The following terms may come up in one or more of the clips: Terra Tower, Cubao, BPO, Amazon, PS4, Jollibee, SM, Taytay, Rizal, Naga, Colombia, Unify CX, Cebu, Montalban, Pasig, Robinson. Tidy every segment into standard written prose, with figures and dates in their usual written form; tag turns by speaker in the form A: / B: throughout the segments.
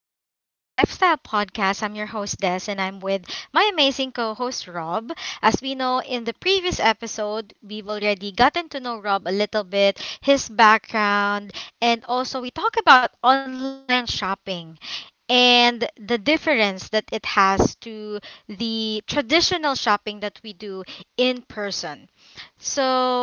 A: again to the Lifestyle Podcast. I'm your host, Des, and I'm with my amazing co host, Rob. As we know, in the previous episode, we've already gotten to know Rob a little bit, his background, and also we talk about online shopping and the difference that it has to the traditional shopping that we do in person. So,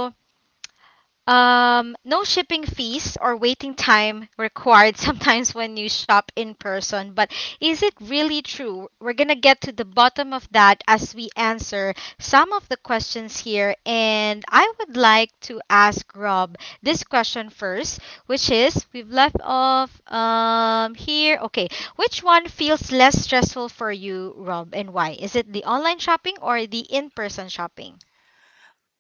A: no shipping fees or waiting time required sometimes when you shop in person. But is it really true? We're going to get to the bottom of that as we answer some of the questions here. And I would like to ask Rob this question first, which is we've left off here. Okay. Which one feels less stressful for you, Rob, and why? Is it the online shopping or the in person shopping?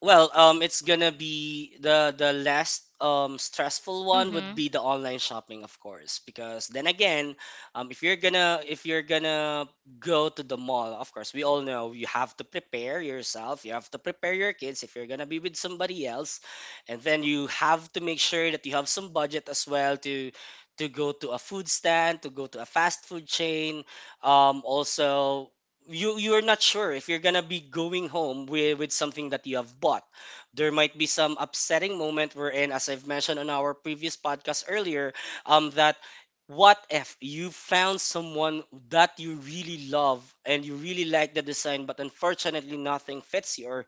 B: Well, it's gonna be the last stressful
A: Mm
B: one would
A: hmm.
B: be the online shopping, of course, because then again, if you're gonna go to the mall, of course, we all know you have to prepare yourself, you have to prepare your kids if you're gonna be with somebody else, and then you have to make sure that you have some budget as well to go to a food stand, to go to a fast food chain, also you're not sure if you're gonna be going home with something that you have bought. There might be some upsetting moment wherein, as I've mentioned on our previous podcast earlier, that what if you found someone that you really love and you really like the design, but unfortunately nothing fits you, or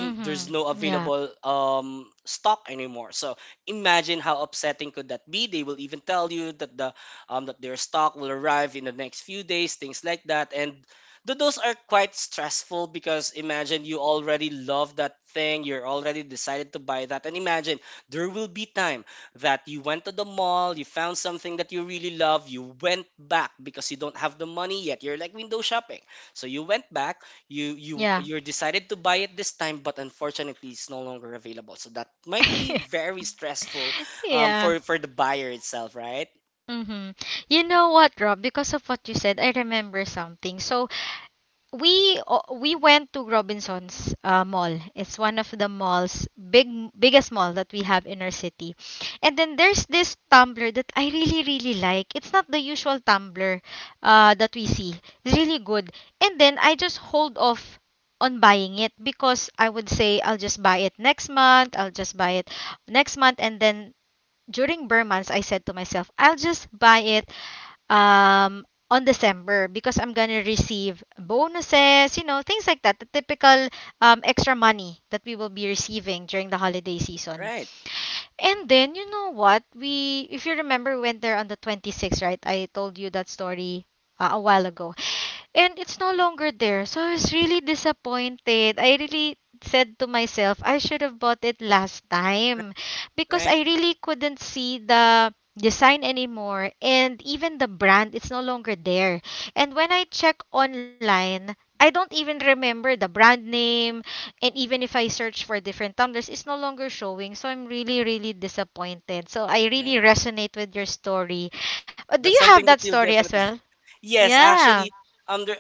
A: Mm hmm.
B: there's no
A: Yeah.
B: available stock anymore. So imagine how upsetting could that be. They will even tell you that the that their stock will arrive in the next few days, things like that, and those are quite stressful because imagine you already love that thing, you're already decided to buy that, and imagine there will be time that you went to the mall, you found something that you really love, you went back because you don't have the money yet. You're like window shopping, so you went back,
A: Yeah.
B: you're decided to buy it this time, but unfortunately it's no longer available. So that might be very stressful,
A: yeah.
B: for the buyer itself, right?
A: Mm-hmm. You know what, Rob? Because of what you said, I remember something. So we went to Robinson's mall. It's one of the malls, big biggest mall that we have in our city. And then there's this tumbler that I really really like. It's not the usual tumbler that we see. It's really good. And then I just hold off on buying it because I would say I'll just buy it next month. I'll just buy it next month, and then During Burn months, I said to myself, I'll just buy it on December because I'm gonna receive bonuses, you know, things like that, the typical extra money that we will be receiving during the holiday season.
B: Right,
A: And then you know what? We if you remember went there on the 26th, right? I told you that story a while ago. And it's no longer there. So I was really disappointed. I really said to myself, I should have bought it last time
B: right,
A: because I
B: right,
A: really couldn't see the design anymore and even the brand it's no longer there. And when I check online, I don't even remember the brand name, and even if I search for different tumblers, it's no longer showing. So I'm really, really disappointed. So I
B: right.
A: really resonate with your story. Do
B: That's
A: you have
B: something that
A: that
B: you'll
A: story as
B: definitely—
A: well?
B: yes,
A: Yeah.
B: actually, there,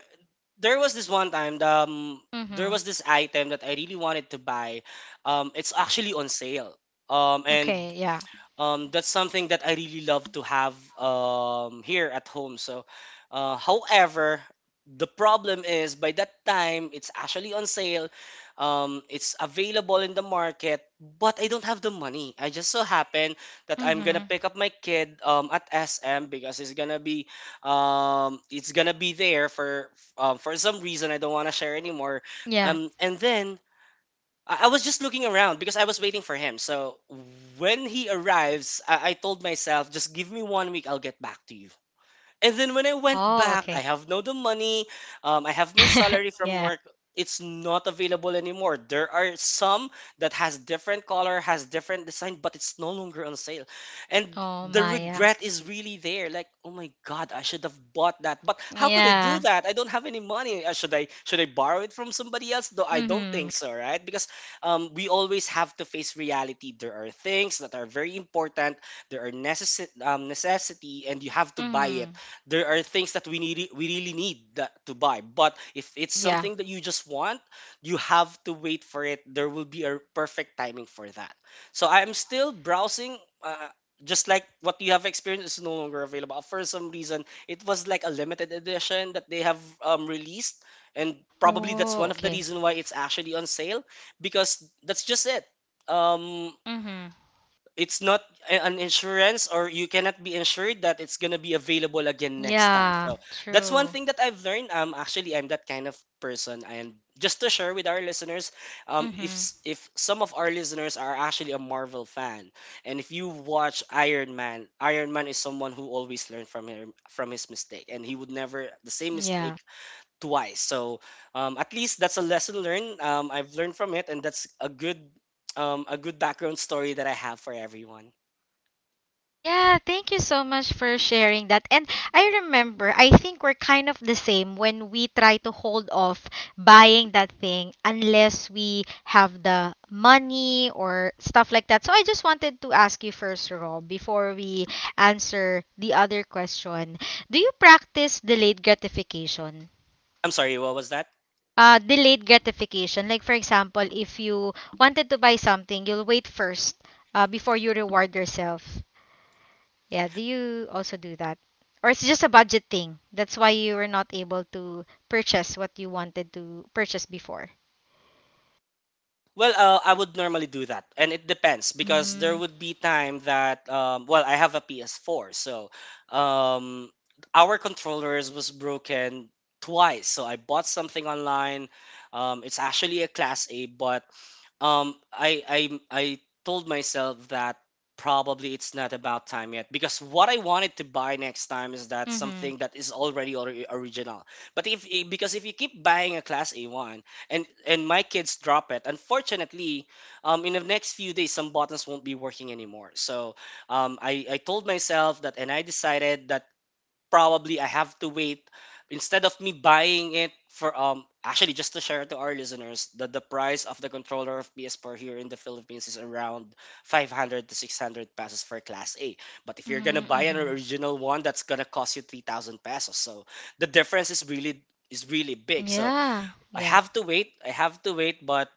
B: there was this one time, there
A: Mm-hmm.
B: was this item that I really wanted to buy. It's actually on sale. And
A: Okay. Yeah.
B: that's something that I really love to have here at home. So, however, the problem is by that time it's actually on sale, it's available in the market, but I don't have the money. I just so happen that I'm gonna
A: Mm-hmm.
B: pick up my kid at SM because it's gonna be— it's gonna be there for some reason I don't wanna share anymore.
A: Yeah.
B: And then I was just looking around because I was waiting for him. So when he arrives, I told myself, just give me 1 week, I'll get back to you. And then when I went
A: Oh,
B: back,
A: okay.
B: I have no the money. I have my salary from
A: yeah.
B: work. It's not available anymore. There are some that has different color, has different design, but it's no longer on sale. And
A: Oh,
B: the
A: Maya.
B: regret is really there. Like, oh my God, I should have bought that. But how could I do
A: Yeah.
B: that? I don't have any money. Should I should I borrow it from somebody else? Though I don't
A: Mm-hmm.
B: think so, right? Because we always have to face reality. There are things that are very important, there are necessity and you have to buy it.
A: Mm-hmm.
B: There are things that we need, we really need that to buy, but if it's
A: Yeah.
B: something that you just want, you have to wait for it. There will be a perfect timing for that. So I'm still browsing, uh, just like what you have experienced, is no longer available. For some reason it was like a limited edition that they have released, and probably that's
A: Oh,
B: one of the
A: okay.
B: reason why it's actually on sale, because that's just it. um
A: Mm-hmm.
B: it's not an insurance, or you cannot be insured that it's going to be available again next time.
A: Yeah.
B: So that's one
A: True.
B: thing that I've learned. Actually, I'm that kind of person, and just to share with our listeners, if
A: Mm-hmm.
B: if some of our listeners are actually a Marvel fan, and if you watch Iron Man, Iron Man is someone who always learned from him, from his mistake, and he would never the same mistake
A: Yeah.
B: twice. So at least that's a lesson learned. I've learned from it, and that's a good— a good background story that I have for everyone.
A: Yeah, thank you so much for sharing that. And I remember, I think we're kind of the same when we try to hold off buying that thing unless we have the money or stuff like that. So I just wanted to ask you first, Rob, before we answer the other question. Do you practice delayed gratification?
B: I'm sorry, what was that?
A: Delayed gratification. Like, for example, if you wanted to buy something, you'll wait first before you reward yourself. Yeah, do you also do that? Or it's just a budget thing. That's why you were not able to purchase what you wanted to purchase before.
B: Well, I would normally do that, and it depends because there
A: Mm.
B: would be time that— well, I have a PS4, so um, our controllers was broken twice. So I bought something online. It's actually a class A, but um, I told myself that probably it's not about time yet because what I wanted to buy next time is that
A: Mhm.
B: something that is already original. But if I- because if you keep buying a class A1 and my kids drop it, unfortunately, in the next few days some buttons won't be working anymore. So um, I told myself that, and I decided that probably I have to wait instead of me buying it for— actually, just to share to our listeners that the price of the controller of PS4 here in the Philippines is around 500 to 600 pesos for class A. But if you're going to buy
A: Mhm.
B: an
A: Mhm.
B: original one, that's going to cost you 3,000 pesos. So the difference is really— is really big. So
A: Yeah.
B: I
A: Yeah.
B: have to wait. I have to wait, but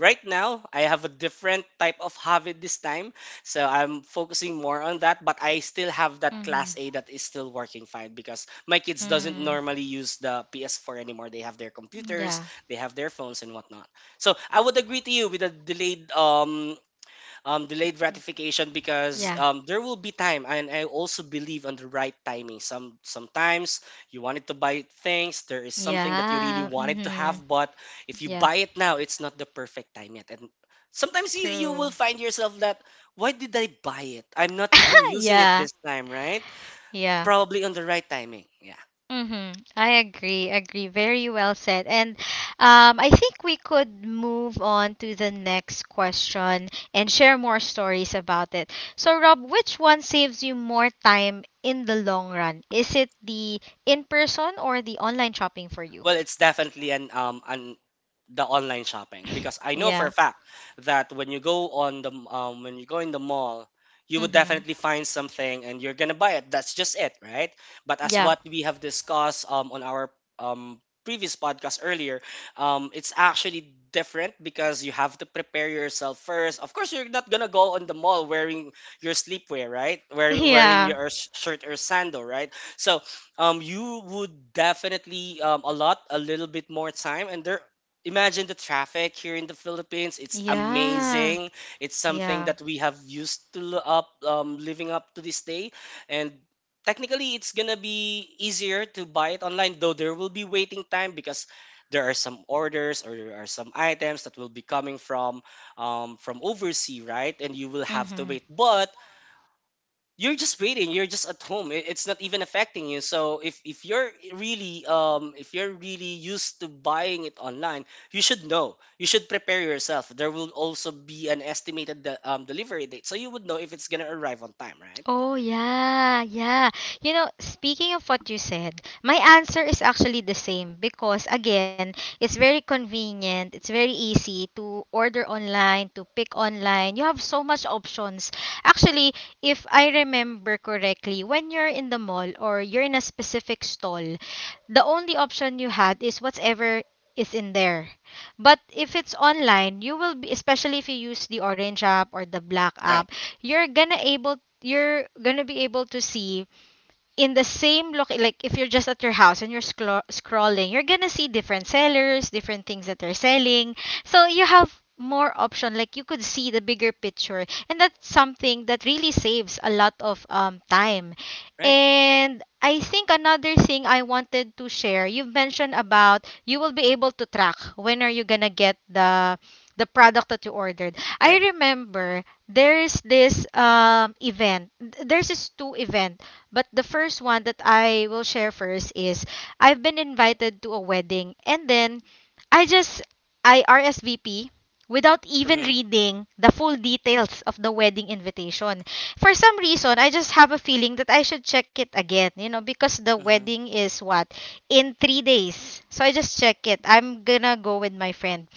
B: right now I have a different type of habit this time. So I'm focusing more on that, but I still have that class
A: Mhm.
B: A that is still working fine because my kids doesn't
A: Mm.
B: normally use the PS4 anymore. They have their computers,
A: Yeah.
B: they have their phones and whatnot. So I would agree to you with the delayed— delayed gratification, because
A: Yeah.
B: there will be time, and I also believe on the right timing. Sometimes you wanted to buy things, there is something that you really
A: Yeah.
B: wanted to
A: Mhm.
B: have, but if you
A: Yeah.
B: buy it now, it's not the perfect time yet. And sometimes you will
A: True.
B: find yourself that why did I buy it? I'm not even using it
A: yeah.
B: this time, right?
A: Yeah.
B: Probably on the right timing. Yeah.
A: Mm-hmm. I agree. Very well said. And I think we could move on to the next question and share more stories about it. So, Rob, which one saves you more time in the long run? Is it the in person or the online shopping for you?
B: Well, it's definitely an— the online shopping, because I know for
A: Yeah.
B: a fact that when you go on the— when you go in the mall, you would
A: Mm-hmm.
B: definitely find something and you're gonna buy it. That's just it, right? But as
A: Yeah.
B: what we have discussed on our um, previous podcast earlier, it's actually different because you have to prepare yourself first. Of course, you're not gonna go on the mall wearing your sleepwear, right? Wearing
A: Yeah.
B: your shirt or sandal, right? So you would definitely allot a little bit more time, and there— imagine the traffic here in the Philippines. It's
A: Yeah.
B: amazing. It's something
A: Yeah.
B: that we have used to lo- up living up to this day, and technically, it's gonna be easier to buy it online. Though there will be waiting time because there are some orders or there are some items that will be coming from overseas, right? And you will have to
A: Mm-hmm.
B: wait. But you're just waiting, you're just at home. It's not even affecting you. So if you're really— if you're really used to buying it online, you should know, you should prepare yourself. There will also be an estimated delivery date, so you would know if it's gonna arrive on time, right?
A: Oh, yeah, yeah. You know, speaking of what you said, my answer is actually the same because, again, it's very convenient. It's very easy to order online, to pick online. You have so much options. Actually, if I remember correctly, when you're in the mall or you're in a specific stall, the only option you had is whatever is in there. But if it's online, you will be especially if you use the orange app or the black
B: Right,
A: app, you're gonna able you're gonna be able to see in the same look like if you're just at your house and scrolling. You're gonna see different sellers, different things that they're selling, so you have more option, like you could see the bigger picture. And that's something that really saves a lot of time.
B: right,
A: And I think another thing I wanted to share, you've mentioned about you will be able to track when are you gonna get the product that you ordered. I
B: right.
A: remember there's this event, there's this two event, but the first one that I will share first is I've been invited to a wedding, and then I just I RSVP without even
B: Mm-hmm,
A: reading the full details of the wedding invitation. For some reason, I just have a feeling that I should check it again, you know, because the
B: mm-hmm.
A: wedding is what, in 3 days. So I just check it. I'm going to go with my friend.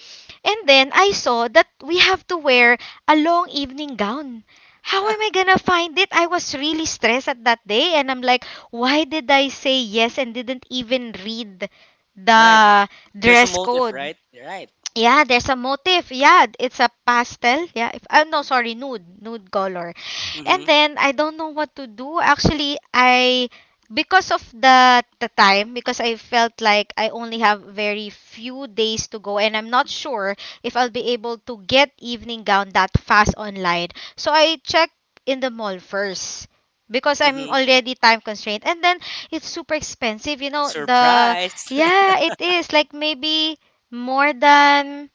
A: And then I saw that we have to wear a long evening gown. How am I gonna find it? I was really stressed at that day, and I'm like, why did I say yes and didn't even read
B: right.
A: the
B: There's a
A: dress
B: motive,
A: code?
B: right? Right,
A: Yeah, there's a motif. Yeah, it's a pastel. Yeah, if oh no, sorry, Nude, nude color. And
B: mm-hmm,
A: then I don't know what to do. Actually, I because of the time, because I felt like I only have very few days to go, and I'm not sure if I'll be able to get evening gown that fast online. So I check in the mall first because I'm
B: mm-hmm.
A: already time constrained. And then it's super expensive, you know, the
B: Surprise.
A: yeah, it is like maybe more than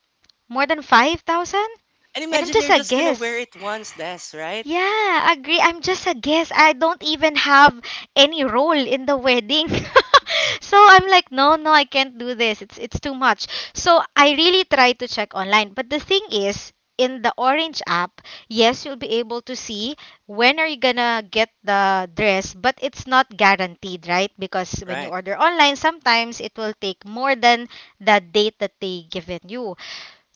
A: more than 5,000?
B: and
A: And I'm
B: imagine
A: just
B: you're
A: a
B: just gonna wear
A: guess.
B: it once, that's right.
A: Yeah, agree. I'm just a guess. I don't even have any role in the wedding. So I'm like, I can't do this. It's too much. So I really try to check online. But the thing is, in the Orange app, yes, you'll be able to see when are you gonna get the dress, but it's not guaranteed, right? Because when you
B: Right.
A: order online, sometimes it will take more than the date that they given you.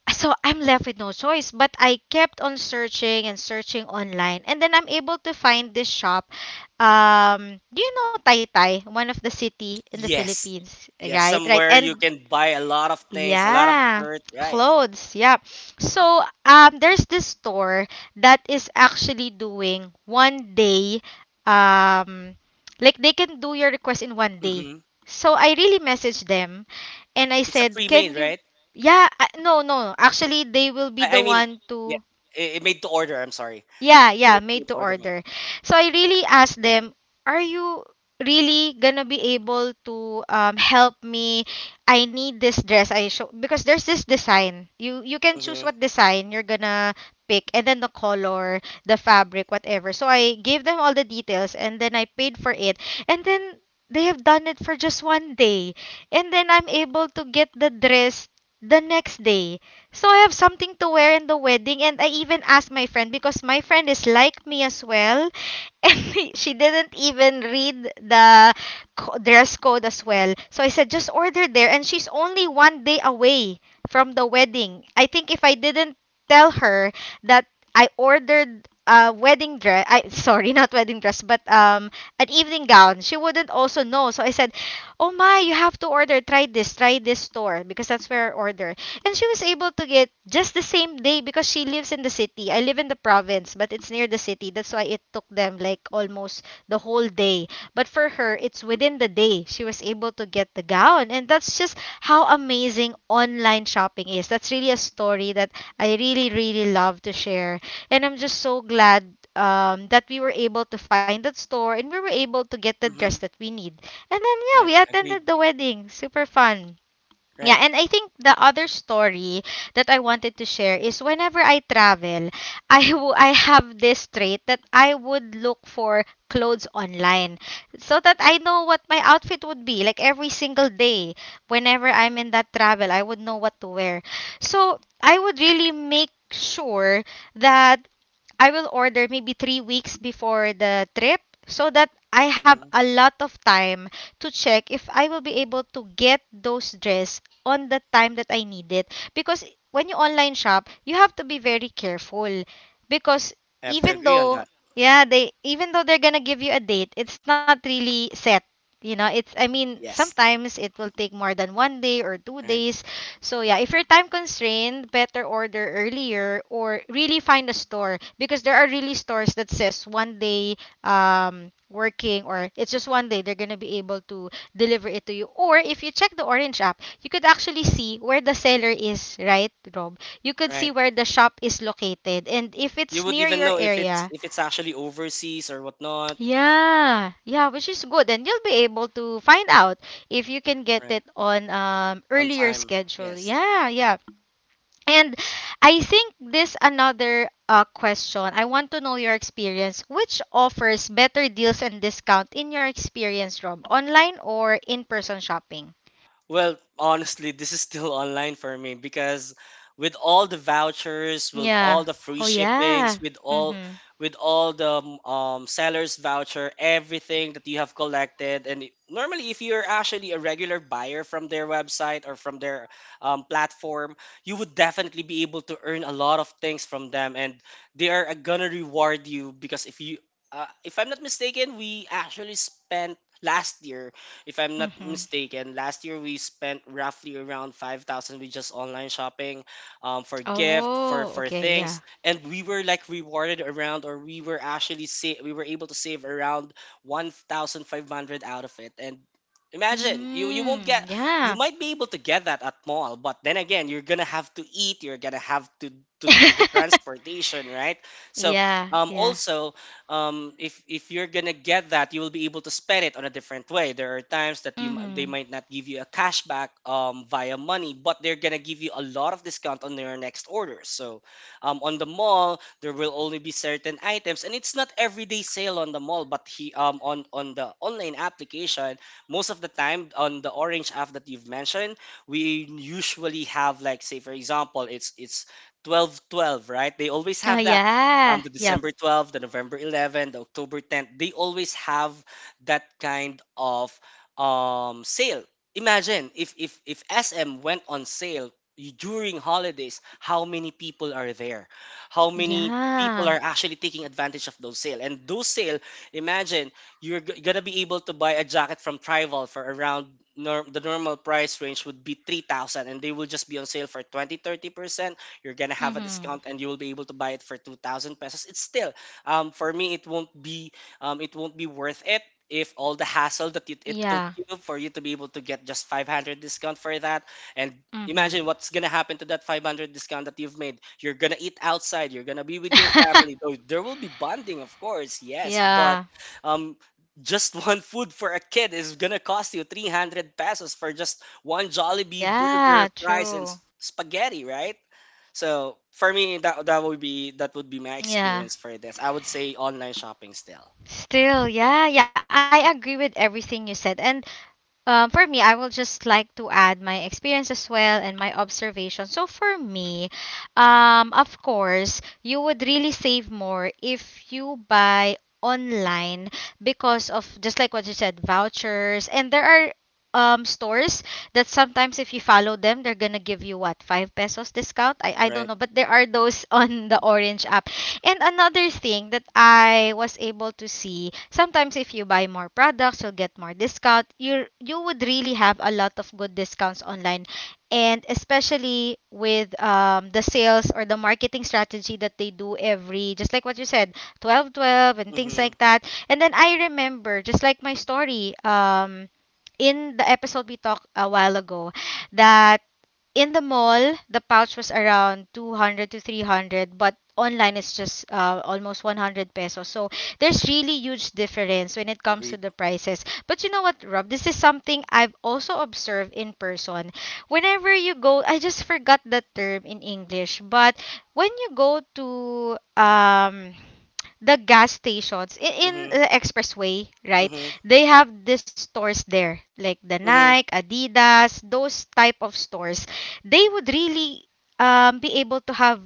A: So I'm left with no choice. But I kept on searching and searching online, and then I'm able to find this shop. Do you know Taytay, one of the city in the
B: Yes.
A: Philippines,
B: Yes,
A: right? Right,
B: somewhere
A: and
B: you can buy a lot of things, a lot of
A: yeah,
B: shirt, right?
A: clothes. Yeah. So there's this store that is actually doing 1 day, like they can do your request in 1 day.
B: Hmm.
A: So I really messaged them, and I
B: It's a
A: said, "Can
B: pre-made,
A: you?"
B: right?
A: Yeah. No, no. Actually, they will be
B: I
A: the
B: mean,
A: one
B: yeah,
A: to.
B: it made to order. I'm sorry,
A: Yeah, yeah,
B: it's made
A: made to
B: to order, right?
A: order. So I really asked them, are you really gonna be able to help me? I need this dress. I show because there's this design. You can choose
B: Mm-hmm.
A: what design you're gonna pick, and then the color, the fabric, whatever. So I gave them all the details, and then I paid for it. And then they have done it for just 1 day. And then I'm able to get the dress the next day. So I have something to wear in the wedding, and I even asked my friend because my friend is like me as well, and she didn't even read the dress code as well. So I said, just order there, and she's only 1 day away from the wedding. I think if I didn't tell her that I ordered a wedding dress, I sorry, not wedding dress, but an evening gown, she wouldn't also know. So I said, oh my, you have to order, try this store because that's where I order. And she was able to get just the same day because she lives in the city. I live in the province, but it's near the city. That's why it took them like almost the whole day. But for her, it's within the day she was able to get the gown. And that's just how amazing online shopping is. That's really a story that I really, really love to share. And I'm just so glad that we were able to find that store and we were able to get the dress
B: Mm-hmm.
A: that we need. And then, yeah, we
B: Right,
A: attended
B: agreed.
A: the wedding. Super fun. Yeah,
B: Right.
A: and I think the other story that I wanted to share is whenever I travel, I have this trait that I would look for clothes online so that I know what my outfit would be like every single day. Whenever I'm in that travel, I would know what to wear. So, I would really make sure that I will order maybe 3 weeks before the trip so that I have
B: Mm-hmm.
A: a lot of time to check if I will be able to get those dress on the time that I need it. Because when you online shop, you have to be very careful because
B: I have to
A: even
B: agree on
A: though
B: that.
A: yeah, they even though they're gonna give you a date, it's not really set. You know, it's I mean
B: Yes.
A: Sometimes it will take more than one day or two
B: Right.
A: days so yeah, if you're time constrained, better order earlier or really find a store because there are really stores that says one day working, or it's just one day they're going to be able to deliver it to you. Or if you check the Orange app, you could actually see where the seller is, right, Rob? You could see
B: Right.
A: where the shop is located and if
B: You
A: it's
B: would
A: near
B: even
A: your
B: know
A: area.
B: if it's actually overseas or whatnot.
A: Yeah, yeah, which is good. And you'll be able to find out if you can get
B: Right.
A: it on
B: On
A: earlier
B: time.
A: schedule.
B: Yes.
A: Yeah, yeah. And I think this another question. I want to know your experience. Which offers better deals and discount in your experience, Rob? Online or in-person shopping?
B: Well, honestly, this is still online for me because with all the vouchers, with
A: Yeah.
B: all the free
A: Oh
B: shippings,
A: yeah.
B: with all—
A: Mm-hmm.
B: with all the seller's voucher, everything that you have collected, and normally if you're actually a regular buyer from their website or from their platform, you would definitely be able to earn a lot of things from them, and they are gonna reward you. Because if you— if I'm not mistaken, we actually spent last year— if I'm not
A: Mm-hmm.
B: mistaken, last year we spent roughly around 5,000 with just online shopping for gift, for
A: Oh, okay, yeah.
B: things, and we were like rewarded around, or we were actually we were able to save around 1,500 out of it. And imagine, you won't
A: Mm,
B: get— you
A: yeah.
B: might be able to get that at mall, but then again, you're going to have to eat, you're going to have to do the transportation, right? So,
A: Yeah,
B: um
A: yeah.
B: also if you're gonna get that, you will be able to spend it on a different way. There are times that you m- they
A: Mm-hmm.
B: might not give you a cashback via money, but they're gonna give you a lot of discount on your next order. So on the mall, there will only be certain items, and it's not everyday sale on the mall, but he on the online application, most of the time on the orange app that you've mentioned, we usually have like say for example, it's 12 12, right? They always
A: Oh
B: have that
A: yeah.
B: the
A: Yep.
B: December 12th, the November 11th, the October 10th, they always have that kind of sale. Imagine if SM went on sale during holidays, how many people are there? How many people
A: Yeah.
B: are actually taking advantage of those sale? And those sale, imagine you're gonna be able to buy a jacket from Trival for around the normal price range would be 3,000 and they will just be on sale for 20 30%. You're gonna have a
A: Mm-hmm.
B: discount and you will be able to buy it for 2000 pesos. It's still for me it won't be worth it if all the hassle that it took
A: Yeah.
B: you for you to be able to get just 500 discount for that. And
A: Mm-hmm.
B: imagine what's gonna happen to that 500 discount that you've made. You're gonna eat outside, you're gonna be with your family, though there will be bonding of course, yes, but
A: Yeah.
B: um just one food for a kid is gonna cost you 300 pesos for just one Jollibee burger,
A: Yeah,
B: fries, and
A: true.
B: spaghetti, right? So for me, that would be my
A: Yeah.
B: experience for this. I would say online shopping still,
A: Still, yeah, yeah, I agree with everything you said. And for me, I will just like to add my experience as well and my observation. So for me, of course, you would really save more if you buy online because of just like what you said, vouchers. And there are stores that sometimes if you follow them, they're gonna give you what, five pesos discount? I don't
B: right?
A: know, but there are those on the Orange app. And another thing that I was able to see, sometimes if you buy more products, you'll get more discount. You would really have a lot of good discounts online. And especially with the sales or the marketing strategy that they do every, just like what you said, 12 12 and things
B: Mm-hmm.
A: like that. And then I remember, just like my story, in the episode we talked a while ago, that in the mall, the pouch was around 200 to 300, but online it's just almost 100 pesos. So there's really huge difference when it comes to
B: Agreed.
A: the prices. But you know what, Rob? This is something I've also observed in person. Whenever you go, I just forgot the term in English, but when you go to um the gas stations in
B: Mm-hmm.
A: the expressway, right?
B: Mm-hmm.
A: They have these stores there, like the Nike,
B: Mm-hmm.
A: Adidas, those type of stores. They would really be able to have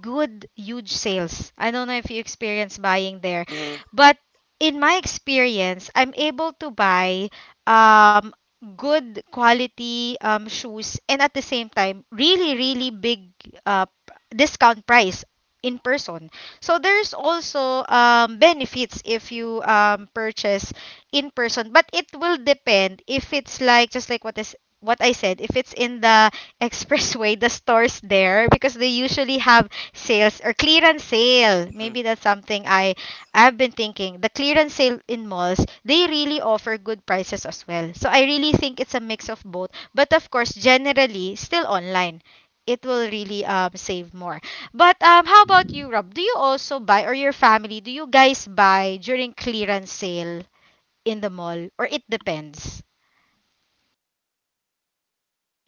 A: good huge sales. I don't know if you experience buying there,
B: Mm-hmm.
A: but in my experience, I'm able to buy um good quality shoes, and at the same time really really big uh p- discount price in person. So there's also benefits if you purchase in person, but it will depend if it's like just like what I said, if it's in the expressway, the stores there because they usually have sales or clearance sale.
B: Hmm.
A: Maybe that's something I've been thinking. The clearance sale in malls, they really offer good prices as well. So I really think it's a mix of both. But of course, generally still online. It will really save more. But how about you, Rob? Do you also buy, or your family, do you guys buy during clearance sale in the mall, or it depends?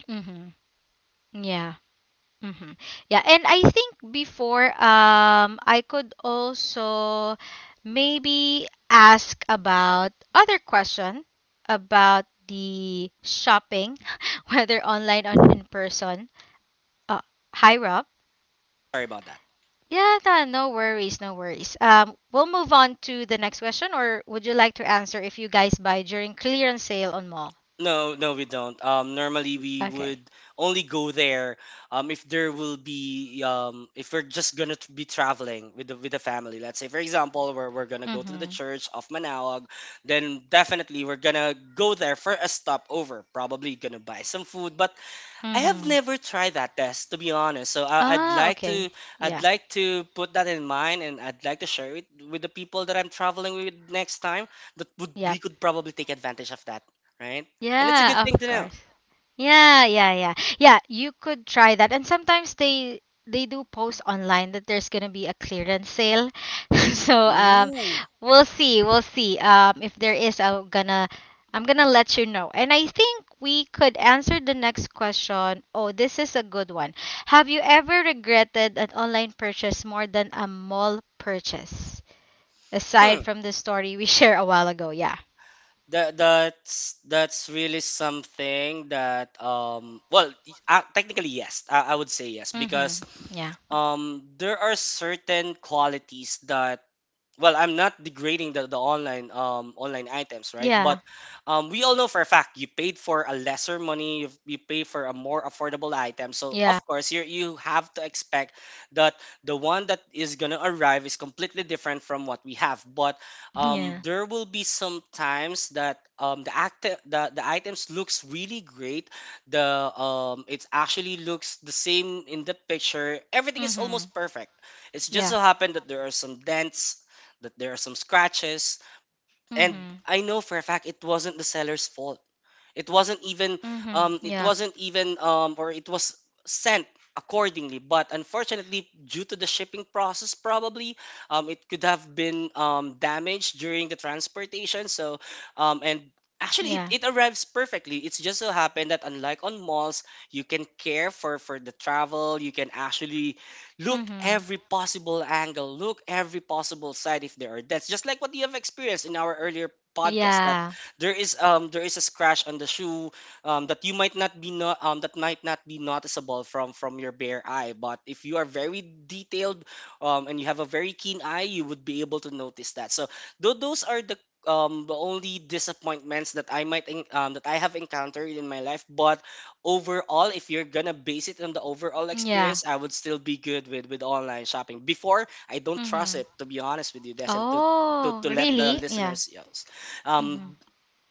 A: Mhm. Mm-hmm. Yeah, and I think before I could also maybe ask about other question about the shopping, whether online or in person. Uh, hi Rob.
B: Sorry about that.
A: Yeah, no, no worries, no worries. We'll move on to the next question, or would you like to answer if you guys buy during clearance sale on mall?
B: No, no, we don't. Normally we
A: Okay.
B: would only go there if there will be if we're just gonna be traveling with the family. Let's say, for example, we're gonna go to the
A: Mm-hmm.
B: church of Manawag, then definitely we're gonna go there for a stopover. Probably gonna buy some food, but I have
A: Mm-hmm.
B: never tried that test to be honest. So I'd
A: Ah,
B: like
A: okay.
B: to
A: Yeah.
B: put that in mind and I'd like to share it with the people that I'm traveling with next time that would we
A: Yep.
B: could probably take advantage of that, right? And it's a good
A: Yeah,
B: thing to
A: of
B: know.
A: course. Yeah, yeah, yeah. Yeah, you could try that. And sometimes they do post online that there's gonna be a clearance sale. So
B: Ooh.
A: we'll see, we'll see. If there is, I'm gonna let you know. And I think we could answer the next question. Oh, this is a good one. Have you ever regretted an online purchase more than a mall purchase?
B: Hmm.
A: Aside from the story we shared a while ago, yeah.
B: That's really something that well technically yes, I would say yes
A: Mm-hmm.
B: because
A: Yeah.
B: there are certain qualities that, well, I'm not degrading the online online items, right? But
A: Yeah.
B: we all know for a fact you paid for a lesser money, you pay for a more affordable item, so
A: Yeah.
B: of course you have to expect that the one that is gonna arrive is completely different from what we have. But
A: Yeah.
B: there will be some times that the items looks really great, the it actually looks the same in the picture, everything is
A: Mm-hmm.
B: almost perfect. It's just
A: Yeah.
B: so happened that there are some dents, that there are some scratches. And
A: Mhm.
B: I know for a fact it wasn't the seller's fault. It wasn't even
A: Mhm.
B: it
A: Yeah.
B: wasn't even or it was sent accordingly. But unfortunately, due to the shipping process, probably it could have been damaged during the transportation. So and actually
A: Yeah.
B: it arrives perfectly. It's just so happened that unlike on malls you can care for the travel. You can actually look
A: Mhm.
B: every possible angle, look every possible side if there are deaths, just like what you have experienced in our earlier podcast.
A: Yeah.
B: There is there is a scratch on the shoe, that you might not be not that might not be noticeable from your bare eye, but if you are very detailed and you have a very keen eye, you would be able to notice that. So those are the only disappointments that I might that I have encountered in my life. But overall, if you're gonna base it on the overall
A: Yeah.
B: experience, I would still be good with online shopping. Before, I don't trust
A: Mhm.
B: it, to be honest with you, Des, and
A: Oh,
B: to let the
A: really? Yeah.
B: listeners else.
A: Mhm.
B: Um,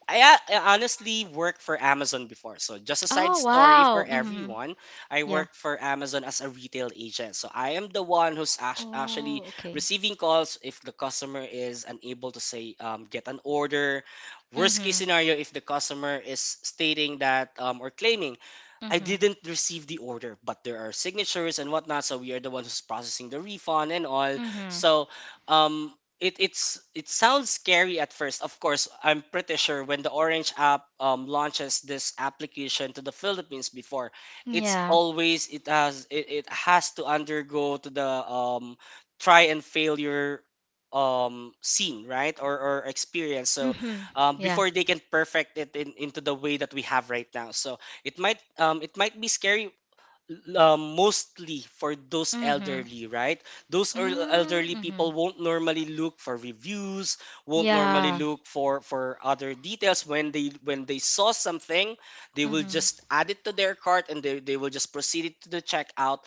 B: I, I honestly worked for Amazon before. So just a side
A: Oh,
B: story for
A: wow. Mhm.
B: everyone. I
A: Yeah.
B: worked for Amazon as a retail agent. So I am the one who's actually
A: Oh, okay.
B: receiving calls if the customer is unable to say get an order. Worst case
A: Mhm.
B: scenario, if the customer is stating that or claiming I
A: Mhm.
B: didn't receive the order, but there are signatures and whatnot, so we are the ones who's processing the refund and all.
A: Mhm.
B: So um it sounds scary at first. Of course, I'm pretty sure when the Orange app launches this application to the Philippines before, it's
A: Yeah.
B: always it has to undergo to the try and failure scene, right? Or experience. So
A: Mhm. Yeah.
B: before they can perfect it into the way that we have right now. So, it might it might be scary mostly for those
A: Mhm.
B: elderly, right? Those
A: Mm,
B: elderly people
A: Mhm.
B: won't normally look for reviews, won't normally
A: Yeah.
B: look for other details. When they saw something, they will
A: Mhm.
B: just add it to their cart and they will just proceed it to the checkout.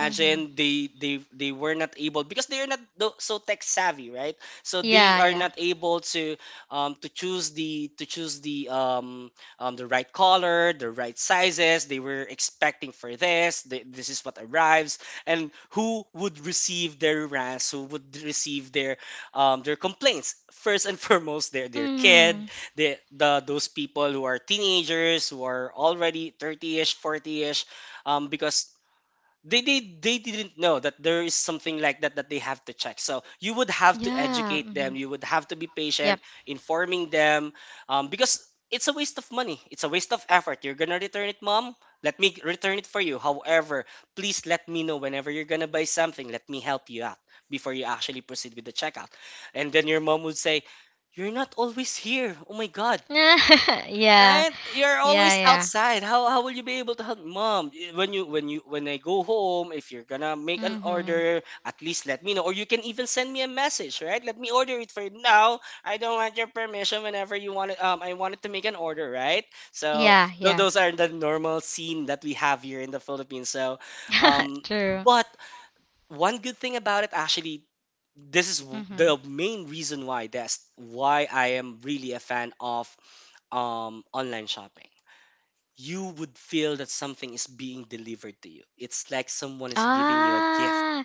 A: Mhm.
B: they were not able because they are not so tech savvy, right? So they
A: Yeah,
B: are
A: yeah.
B: not able to choose the the right color, the right sizes. They were expecting for this. This is what arrives, and who would receive their rants, who would receive their complaints. First and foremost, their kid,
A: Mhm.
B: the those people who are teenagers who are already 30ish, 40ish, because they didn't know that there is something like that that they have to check. So you would have to
A: Yeah.
B: educate them,
A: Mhm.
B: you would have to be patient
A: Yep.
B: informing them, because it's a waste of money, it's a waste of effort. You're gonna return it, mom, let me return it for you. However, please let me know whenever you're gonna buy something, let me help you out before you actually proceed with the checkout. And then your mom would say you're not always here, oh my god.
A: Yeah. Yeah,
B: Right? You're always
A: yeah.
B: outside. How will you be able to help mom when you when I go home? If you're gonna make an
A: Mhm.
B: order, at least let me know, or you can even send me a message. Right? Let me order it for you now. I don't want your permission whenever you want it. I wanted to make an order. Right? So
A: Yeah, yeah.
B: those are the normal scene that we have here in the Philippines. So,
A: True.
B: but one good thing about it actually. This is the
A: Mhm.
B: main reason why that's why I am really a fan of online shopping. You would feel that something is being delivered to you. It's like someone is giving you a gift,
A: Ah,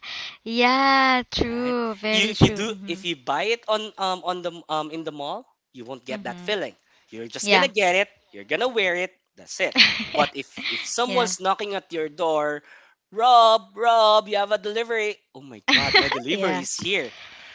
A: yeah,
B: right?
A: true,
B: You
A: very
B: if you do
A: true.
B: if you buy it on the in the mall, you won't get that
A: Mm-hmm.
B: feeling. You're just gonna
A: Yeah.
B: get it. You're gonna wear it. That's it. But if
A: Yeah.
B: someone's knocking at your door, Rob, Rob, you have a delivery. Oh my God, my delivery
A: Yeah.
B: is here.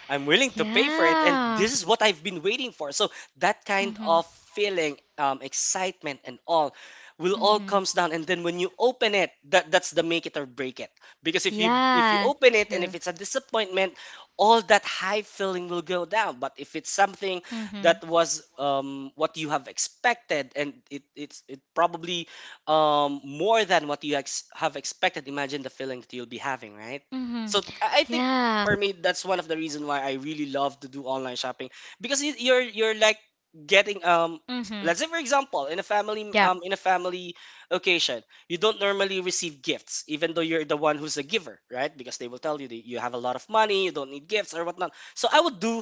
B: I'm willing to pay for it, and
A: Yeah.
B: this is what I've been waiting for. So that kind
A: Mm-hmm.
B: of feeling, excitement, and all, will all
A: Mm-hmm.
B: comes down. And then when you open it, that's the make it or break it because if you
A: Yeah,
B: open it and if
A: true.
B: it's a disappointment, all that high feeling will go down. But if it's something
A: Mm-hmm.
B: that was what you have expected and it probably more than what you have expected, imagine the feeling that you'll be having, right?
A: Mm-hmm.
B: So I think
A: Yeah.
B: for me that's one of the reason why I really love to do online shopping because you're like getting
A: Mm-hmm.
B: let's say for example in a family
A: Yeah.
B: occasion, you don't normally receive gifts, even though you're the one who's a giver, right? Because they will tell you that you have a lot of money, you don't need gifts or whatnot. So I would do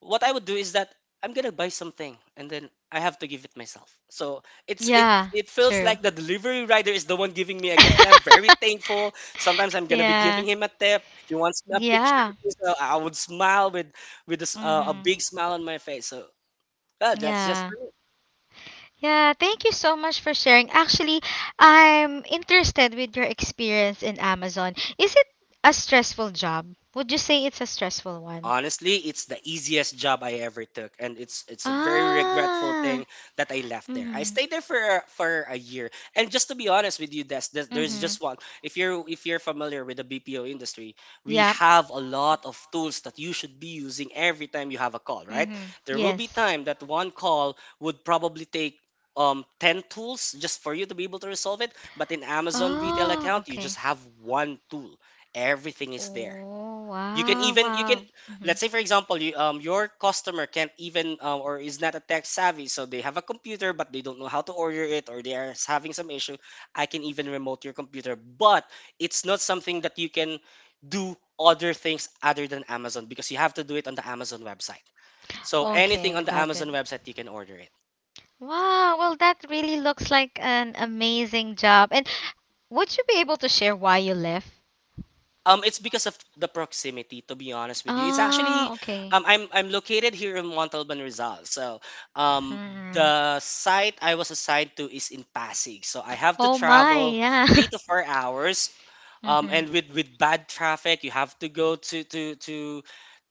B: what I would do is that I'm gonna buy something and then I have to give it myself. So
A: Yeah,
B: it feels
A: true.
B: like the delivery rider is the one giving me a gift, and I'm very thankful. Sometimes I'm gonna be
A: Yeah.
B: giving him a tip. He wants a picture,
A: Yeah.
B: so I would smile with with a
A: Mm-hmm.
B: big smile on my face. So that's just
A: Yeah. Yeah, thank you so much for sharing. Actually, I'm interested with your experience in Amazon. Is it a stressful job? Would you say it's a stressful one?
B: Honestly, it's the easiest job I ever took, and it's a very regretful
A: Ah.
B: thing that I left there. I
A: Mm-hmm.
B: stayed there for a year, and just to be honest with you, Des, there's
A: Mm-hmm.
B: just one. If you're familiar with the BPO industry, we
A: Yeah.
B: have a lot of tools that you should be using every time you have a call. Right?
A: Mm-hmm.
B: There will be
A: Yes.
B: time that one call would probably take 10 tools just for you to be able to resolve it, but in Amazon retail
A: Oh,
B: account, you
A: okay.
B: just have one tool. Everything is there.
A: Oh,
B: You can
A: wow,
B: even you can
A: wow. Hmm.
B: Let's say for example your customer can't even or is not a tech savvy, so they have a computer but they don't know how to order it, or they are having some issue. I can even remote your computer, but it's not something that you can do other things other than Amazon because you have to do it on the Amazon website. So
A: Okay,
B: anything on the
A: got it.
B: Amazon website you can order it.
A: Wow, well, that really looks like an amazing job. And would you be able to share why you left?
B: It's because of the proximity, to be honest with you. It's
A: Ah,
B: actually
A: okay.
B: I'm located here in Montalban, Rizal. So um,
A: Mm-hmm.
B: the site I was assigned to is in Pasig. So I have to
A: Oh my,
B: travel
A: yeah.
B: 3 to 4 hours.
A: Mhm.
B: And with bad traffic, you have to go to to to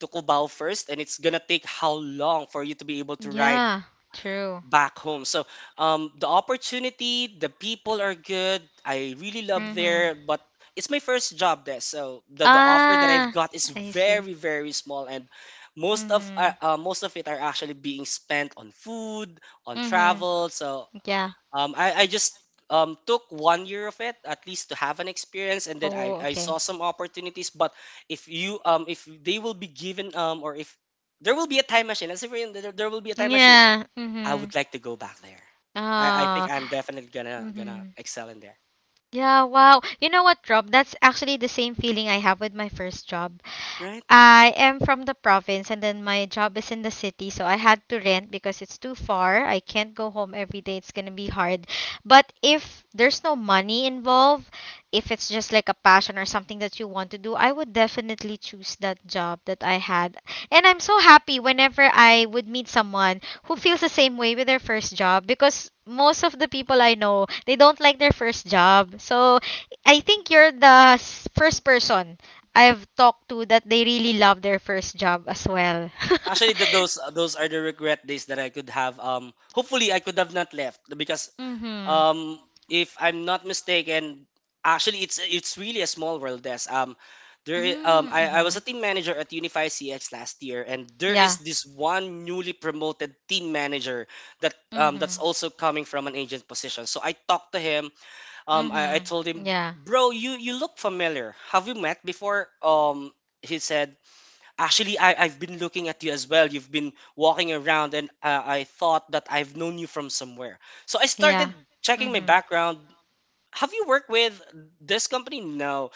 B: to Cubao first, and it's gonna take how long for you to be able to ride
A: Yeah, true.
B: back home. So the opportunity, the people are good. I really love
A: Mhm.
B: there, but it's my first job there. So the offer that I've
A: Ah,
B: got is
A: I see.
B: very very small, and
A: Mhm.
B: most of it are actually being spent on food, on
A: Mhm.
B: travel. So
A: Yeah.
B: I just took one year of it at least to have an experience, and then
A: Oh,
B: I saw
A: okay.
B: some opportunities. But if they will be given, or if there will be a time machine, let's say for you, there will be a time machine,
A: Yeah.
B: I
A: Mhm.
B: would like to go back there. I
A: Ah.
B: think I'm definitely gonna
A: Mhm.
B: excel in there.
A: Yeah, wow. You know what, Rob? That's actually the same feeling I have with my first job.
B: Right?
A: I am from the province and then my job is in the city, so I had to rent because it's too far. I can't go home every day. It's going to be hard. But if there's no money involved, if it's just like a passion or something that you want to do, I would definitely choose that job that I had. And I'm so happy whenever I would meet someone who feels the same way with their first job because most of the people I know, they don't like their first job. So I think you're the first person I've talked to that they really love their first job as well.
B: Actually, the, those are the regret days that I could have. Hopefully I could have not left because
A: Mhm.
B: um, if I'm not mistaken, actually it's really a small world, Des.
A: Mm,
B: I was
A: mhm.
B: a team manager at Unify CX last year, and there
A: Yeah.
B: is this one newly promoted team manager that that's
A: Mhm.
B: also coming from an agent position. So I talked to him. I
A: Mhm.
B: told him,
A: Yeah.
B: bro, you look familiar. Have we met before? He said, actually, I've been looking at you as well. You've been walking around, and I thought that I've known you from somewhere. So I
A: Yeah.
B: started checking my
A: Mhm.
B: background. Have you worked with this company? No.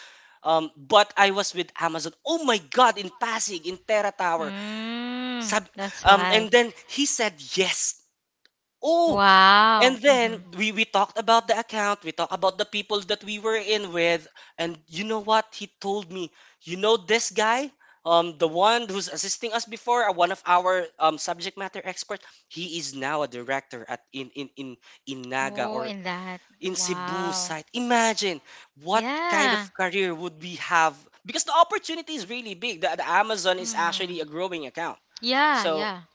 B: But I was with Amazon. Oh my God! In Pasig, in Terra Tower.
A: Mm,
B: Sab-
A: that's why.
B: and then he said yes. Oh, and
A: Wow.
B: then
A: Mhm.
B: we talked about the account, we talked about the people that we were in with, and you know what? He told me, you know this guy, the one who's assisting us before, one of our subject matter experts, he is now a director at in Naga
A: Oh,
B: or
A: in that.
B: in Cebu
A: Wow.
B: site. Imagine what kind
A: Yeah.
B: of career would we have, because the opportunity is really big. The Amazon is
A: Mhm.
B: actually a growing account.
A: Yeah,
B: So
A: yeah.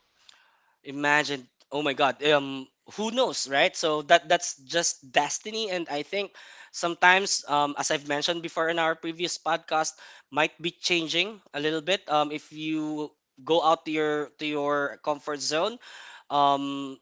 B: imagine, oh my God, who knows, right? So that's just destiny, and I think sometimes, as I've mentioned before in our previous podcast, might be changing a little bit. If you go out to your comfort zone, um,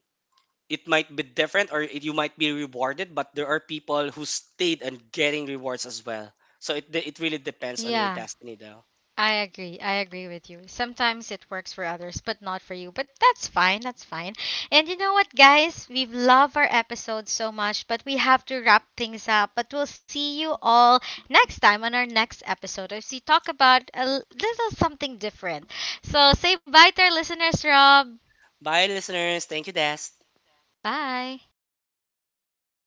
B: it might be different, or it, you might be rewarded. But there are people who stayed and getting rewards as well. So it really depends on your
A: Yeah.
B: destiny, though.
A: I agree. I agree with you. Sometimes it works for others, but not for you. But that's fine. That's fine. And you know what, guys? We love our episode so much, but we have to wrap things up. But we'll see you all next time on our next episode as we talk about a little something different. So say bye to our listeners, Rob.
B: Bye, listeners. Thank you, Des.
A: Bye.